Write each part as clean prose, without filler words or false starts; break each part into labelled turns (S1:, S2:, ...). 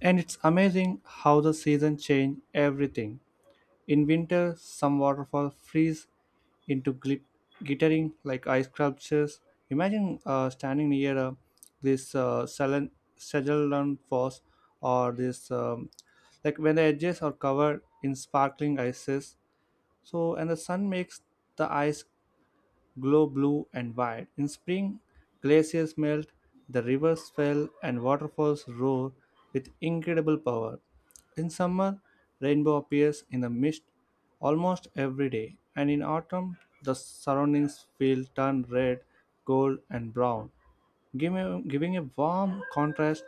S1: And it's amazing how the seasons change everything. In winter, some waterfalls freeze into glittering like ice sculptures. Imagine standing near this uh, Selen- Sagellan Falls or like when the edges are covered in sparkling ices. And the sun makes the ice glow blue and white. In spring, glaciers melt, the rivers swell, and waterfalls roar with incredible power. In summer, rainbow appears in the mist almost every day, and in autumn, the surroundings feel turn red, gold, and brown, giving a warm contrast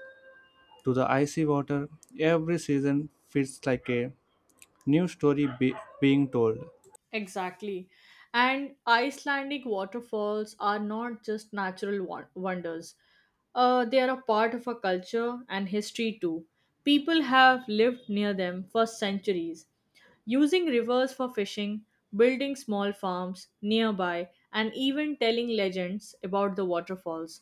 S1: to the icy water. Every season feels like a new story be, being told.
S2: Exactly. And Icelandic waterfalls are not just natural wonders, they are a part of a culture and history too. People have lived near them for centuries, using rivers for fishing, building small farms nearby, and even telling legends about the waterfalls.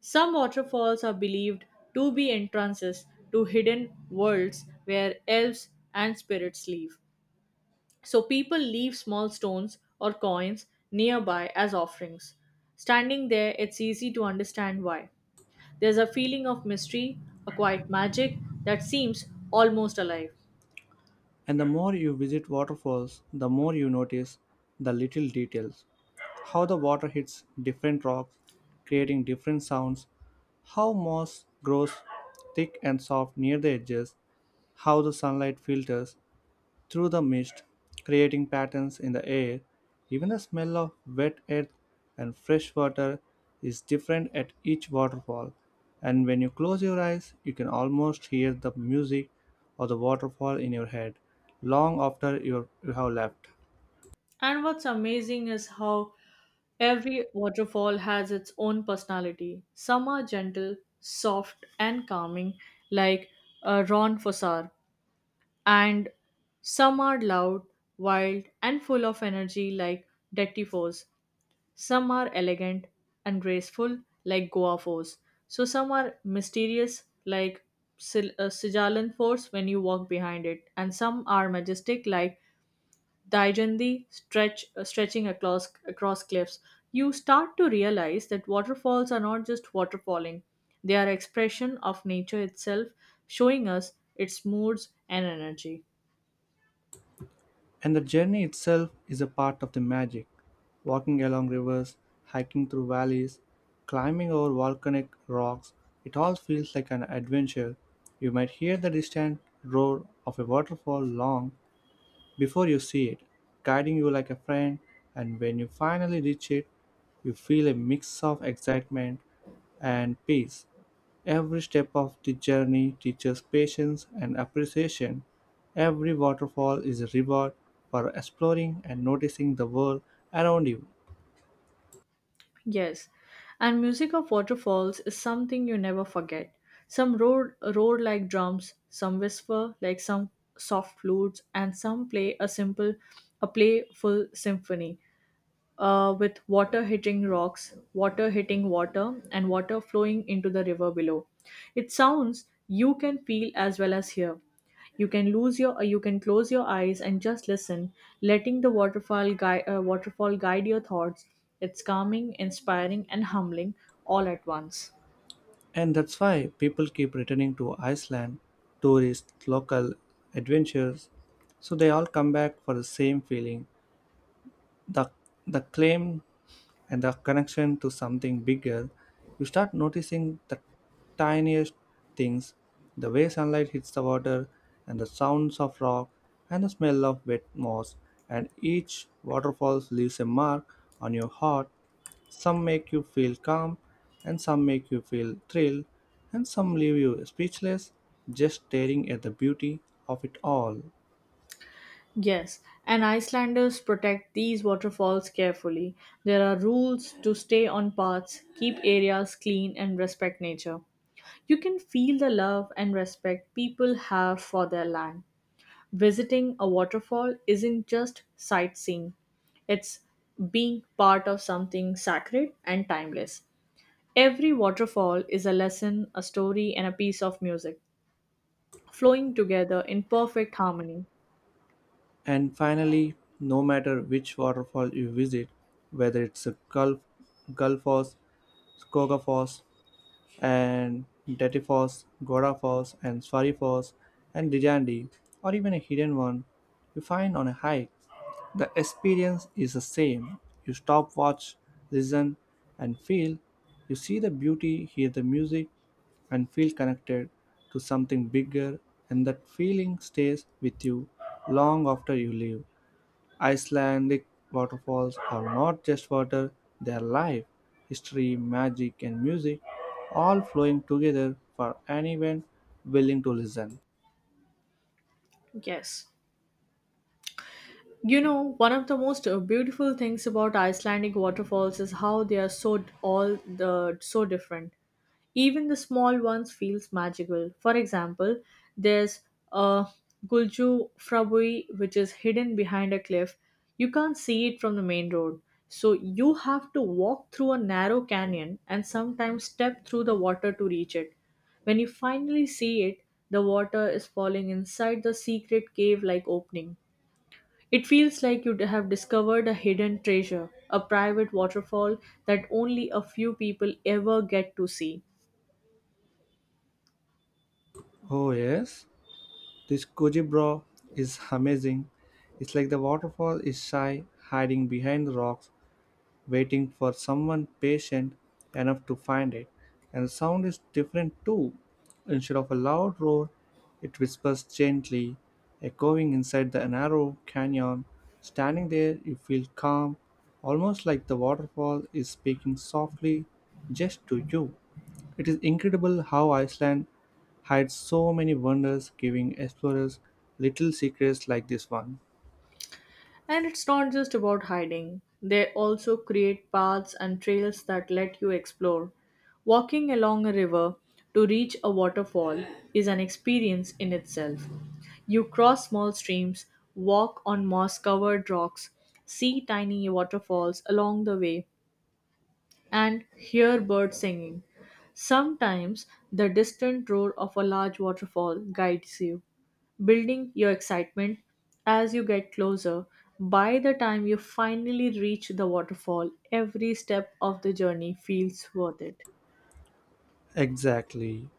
S2: Some waterfalls are believed to be entrances to hidden worlds where elves and spirits live. So people leave small stones or coins nearby as offerings. Standing there, it's easy to understand why. There's a feeling of mystery, a quiet magic that seems almost alive.
S1: And the more you visit waterfalls, the more you notice the little details. How the water hits different rocks, creating different sounds, how moss grows thick and soft near the edges, how the sunlight filters through the mist, creating patterns in the air. Even the smell of wet earth and fresh water is different at each waterfall. And when you close your eyes, you can almost hear the music of the waterfall in your head long after you have left.
S2: And what's amazing is how every waterfall has its own personality. Some are gentle, soft, and calming, like Ron Fossar, and some are loud, wild, and full of energy, like Dettifoss. Some are elegant and graceful, like Goa Force. So some are mysterious, like Sijalan Force when you walk behind it, and some are majestic, like Daijandi stretching across cliffs. You start to realize that waterfalls are not just waterfalling; they are expression of nature itself, showing us its moods and energy.
S1: And the journey itself is a part of the magic. Walking along rivers, hiking through valleys, climbing over volcanic rocks, it all feels like an adventure. You might hear the distant roar of a waterfall long before you see it, guiding you like a friend, and when you finally reach it, you feel a mix of excitement and peace. Every step of the journey teaches patience and appreciation. Every waterfall is a reward for exploring and noticing the world around you.
S2: Yes, and music of waterfalls is something you never forget. Some roar like drums, some whisper like some soft flutes, and some play a playful symphony with water hitting rocks, water hitting water, and water flowing into the river below. It sounds you can feel as well as hear. You can close your eyes and just listen, letting the waterfall guide your thoughts. It's calming, inspiring, and humbling all at once.
S1: And that's why people keep returning to Iceland, tourists, local adventures, so they all come back for the same feeling. The, the claim and the connection to something bigger, you start noticing the tiniest things, the way sunlight hits the water, and the sounds of rock, and the smell of wet moss, and each waterfall leaves a mark on your heart. Some make you feel calm, and some make you feel thrilled, and some leave you speechless, just staring at the beauty of it all.
S2: Yes, and Icelanders protect these waterfalls carefully. There are rules to stay on paths, keep areas clean, and respect nature. You can feel the love and respect people have for their land. Visiting a waterfall isn't just sightseeing, it's being part of something sacred and timeless. Every waterfall is a lesson, a story, and a piece of music, flowing together in perfect harmony.
S1: And finally, no matter which waterfall you visit, whether it's Gulf Falls, Skoga Falls, and Detty Falls, Gora Falls, and Swari Falls, and Dijandi, or even a hidden one you find on a hike, the experience is the same. You stop, watch, listen, and feel. You see the beauty, hear the music, and feel connected to something bigger, and that feeling stays with you long after you leave. Icelandic waterfalls are not just water, they are life, history, magic, and music, all flowing together for anyone willing to listen.
S2: Yes. You know, one of the most beautiful things about Icelandic waterfalls is how they are so d- all the so different. Even the small ones feels magical. For example, there's a Gulju Frabui which is hidden behind a cliff. You can't see it from the main road. So you have to walk through a narrow canyon and sometimes step through the water to reach it. When you finally see it, the water is falling inside the secret cave like opening. It feels like you have discovered a hidden treasure, a private waterfall that only a few people ever get to see.
S1: Oh, yes, this Kojibro is amazing. It's like the waterfall is shy, hiding behind the rocks waiting for someone patient enough to find it. And sound is different too. Instead of a loud roar, it whispers gently, echoing inside the narrow canyon. Standing there, you feel calm, almost like the waterfall is speaking softly just to you. It is incredible how Iceland hides so many wonders, giving explorers little secrets like this one.
S2: And it's not just about hiding, they also create paths and trails that let you explore. Walking along a river to reach a waterfall is an experience in itself. You cross small streams, walk on moss covered rocks, see tiny waterfalls along the way, and hear birds singing. Sometimes the distant roar of a large waterfall guides you, building your excitement as you get closer. By the time you finally reach the waterfall, every step of the journey feels worth it.
S1: Exactly.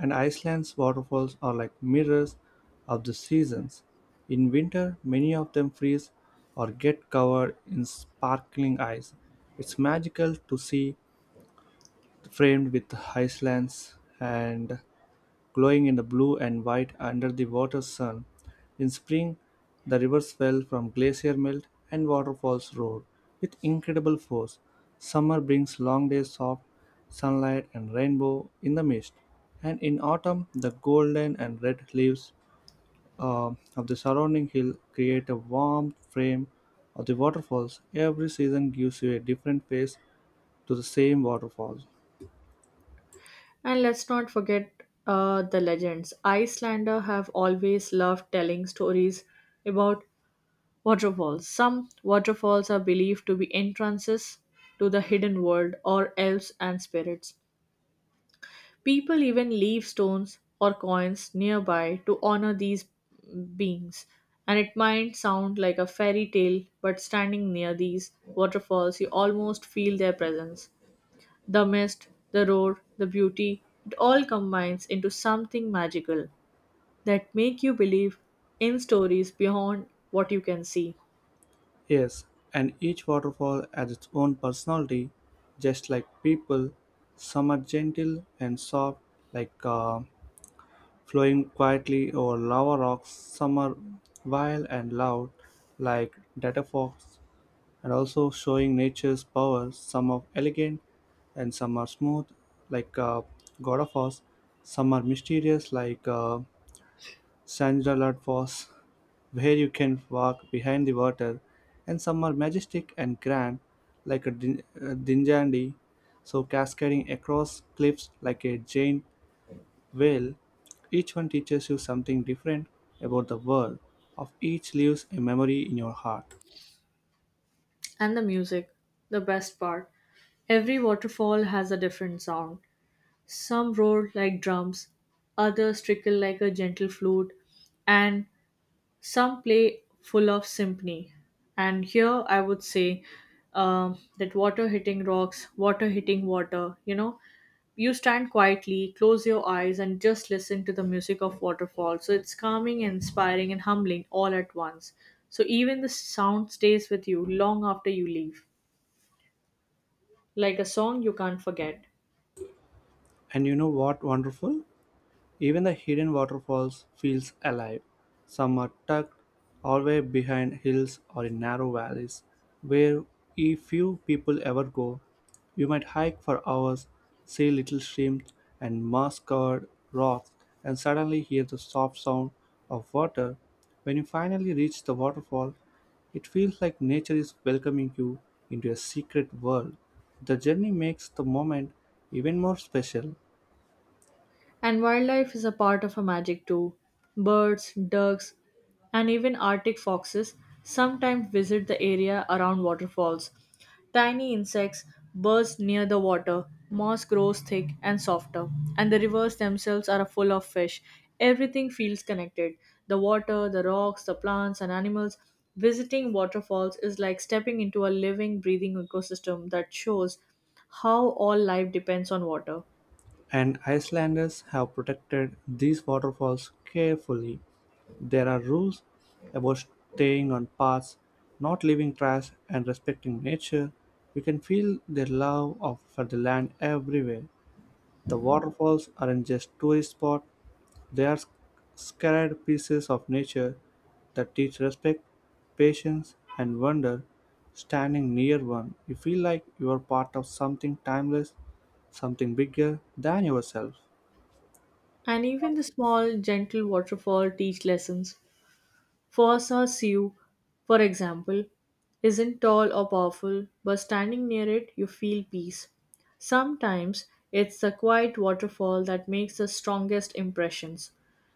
S1: And Iceland's waterfalls are like mirrors of the seasons. In winter, many of them freeze or get covered in sparkling ice. It's magical to see framed with Iceland's and glowing in the blue and white under the water's sun. In spring, the rivers swell from glacier melt and waterfalls roar with incredible force. Summer brings long days of sunlight and rainbow in the mist, and in autumn, the golden and red leaves uh, of the surrounding hill create a warm frame of the waterfalls. Every season gives you a different face to the same waterfalls.
S2: And let's not forget the legends. Icelanders have always loved telling stories about waterfalls. Some waterfalls are believed to be entrances to the hidden world or elves and spirits. People even leave stones or coins nearby to honor these beings. And it might sound like a fairy tale, but standing near these waterfalls, you almost feel their presence. The mist, the roar, the beauty, it all combines into something magical that make you believe in stories beyond what you can see.
S1: Yes, and each waterfall has its own personality, just like people. Some are gentle and soft, like uh, flowing quietly over lava rocks. Some are wild and loud, like data fox, and also showing nature's power. Some are elegant, and some are smooth, like uh, God of Oz. Some are mysterious, Sandalwood Foss where you can walk behind the water, and some are majestic and grand, like a dinjandi, so cascading across cliffs like a giant whale. Each one teaches you something different about the world. Of each leaves a memory in your heart.
S2: And the music, the best part. Every waterfall has a different sound. Some roar like drums, others trickle like a gentle flute, and some play full of symphony. And here I would say that water hitting rocks, water hitting water, you know, you stand quietly, close your eyes, and just listen to the music of waterfall. So it's calming, and inspiring, and humbling all at once. So even the sound stays with you long after you leave like a song you can't forget.
S1: And you know what wonderful? Even the hidden waterfalls feels alive. Some are tucked away behind hills or in narrow valleys where few people ever go. You might hike for hours, see little streams and moss-covered rocks and suddenly hear the soft sound of water. When you finally reach the waterfall, it feels like nature is welcoming you into a secret world. The journey makes the moment even more special.
S2: And wildlife is a part of her magic too. Birds, ducks, and even Arctic foxes sometimes visit the area around waterfalls. Tiny insects burst near the water, moss grows thick and softer, and the rivers themselves are full of fish. Everything feels connected the water, the rocks, the plants, and animals. Visiting waterfalls is like stepping into a living, breathing ecosystem that shows how all life depends on water.
S1: And Icelanders have protected these waterfalls carefully. There are rules about staying on paths, not leaving trash, and respecting nature. You can feel their for the land everywhere. The waterfalls aren't just tourist spots; they are sacred pieces of nature that teach respect, patience, and wonder. Standing near one, you feel like you are part of something timeless, something bigger than yourself.
S2: And even the small, gentle waterfall teach lessons. Fossa Sioux, for example, isn't tall or powerful, but standing near it, you feel peace. Sometimes it's the quiet waterfall that makes the strongest impressions.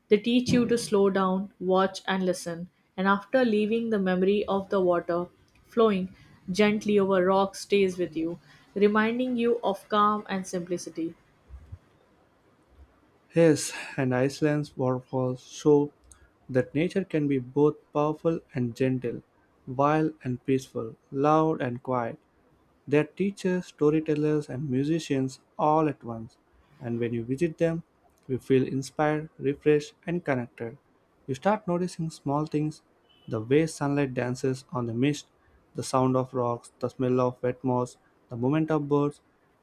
S2: They teach you to slow down, watch, and listen. And after leaving, the memory of the water flowing gently over rocks stays with you, reminding you of calm and simplicity.
S1: Yes, and Iceland's waterfalls show that nature can be both powerful and gentle, wild and peaceful, loud and quiet. They are teachers, storytellers, and musicians all at once. And when you visit them, you feel inspired, refreshed, and connected. You start noticing small things, the way sunlight dances on the mist, the sound of rocks, the smell of wet moss, the movement of birds.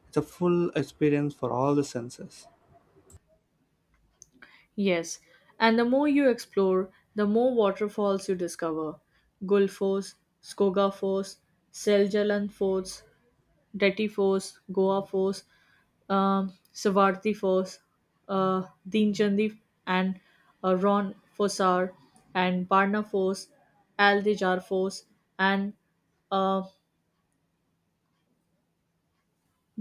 S1: It's a full experience for all the senses.
S2: Yes, and the more you explore, the more waterfalls you discover. Gulfos, Skogafos, Seljalan Forts, Deti Forts, Goa Forts, Savarthi Forts, uh, Dinchandi and Ron Fossar, and Barna Forts, Aldejar Forts, and uh,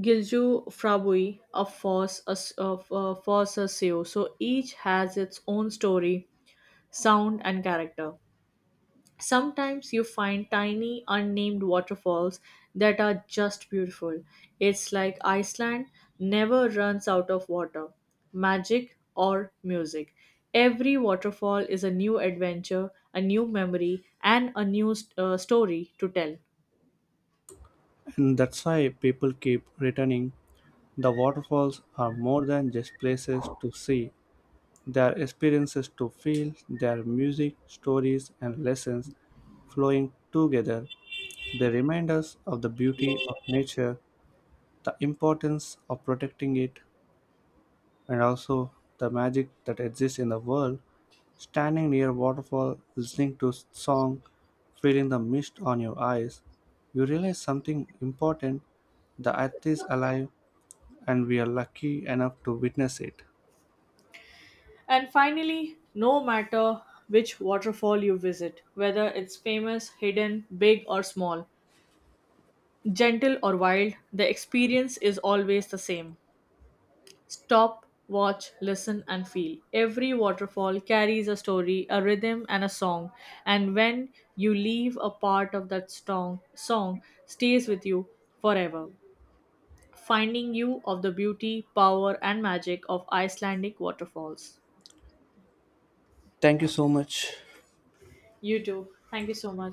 S2: Gilju Frabui of Foss Seo. So each has its own story, sound, and character. Sometimes you find tiny unnamed waterfalls that are just beautiful. It's like Iceland never runs out of water, magic, or music. Every waterfall is a new adventure, a new memory, and a new story to tell.
S1: And that's why people keep returning. The waterfalls are more than just places to see, their experiences to feel their music, stories, and lessons flowing together. They remind us of the beauty of nature, the importance of protecting it, and also the magic that exists in the world. Standing near a waterfall, listening to song, feeling the mist on your eyes, you realize something important. The earth is alive, and we are lucky enough to witness it.
S2: And finally, no matter which waterfall you visit, whether it's famous, hidden, big, or small, gentle, or wild, the experience is always the same. Stop, watch, listen, and feel. Every waterfall carries a story, a rhythm, and a song. And when you leave, a part of that song stays with you forever, finding you of the beauty, power, and magic of Icelandic waterfalls.
S1: Thank you so much.
S2: You too. Thank you so much.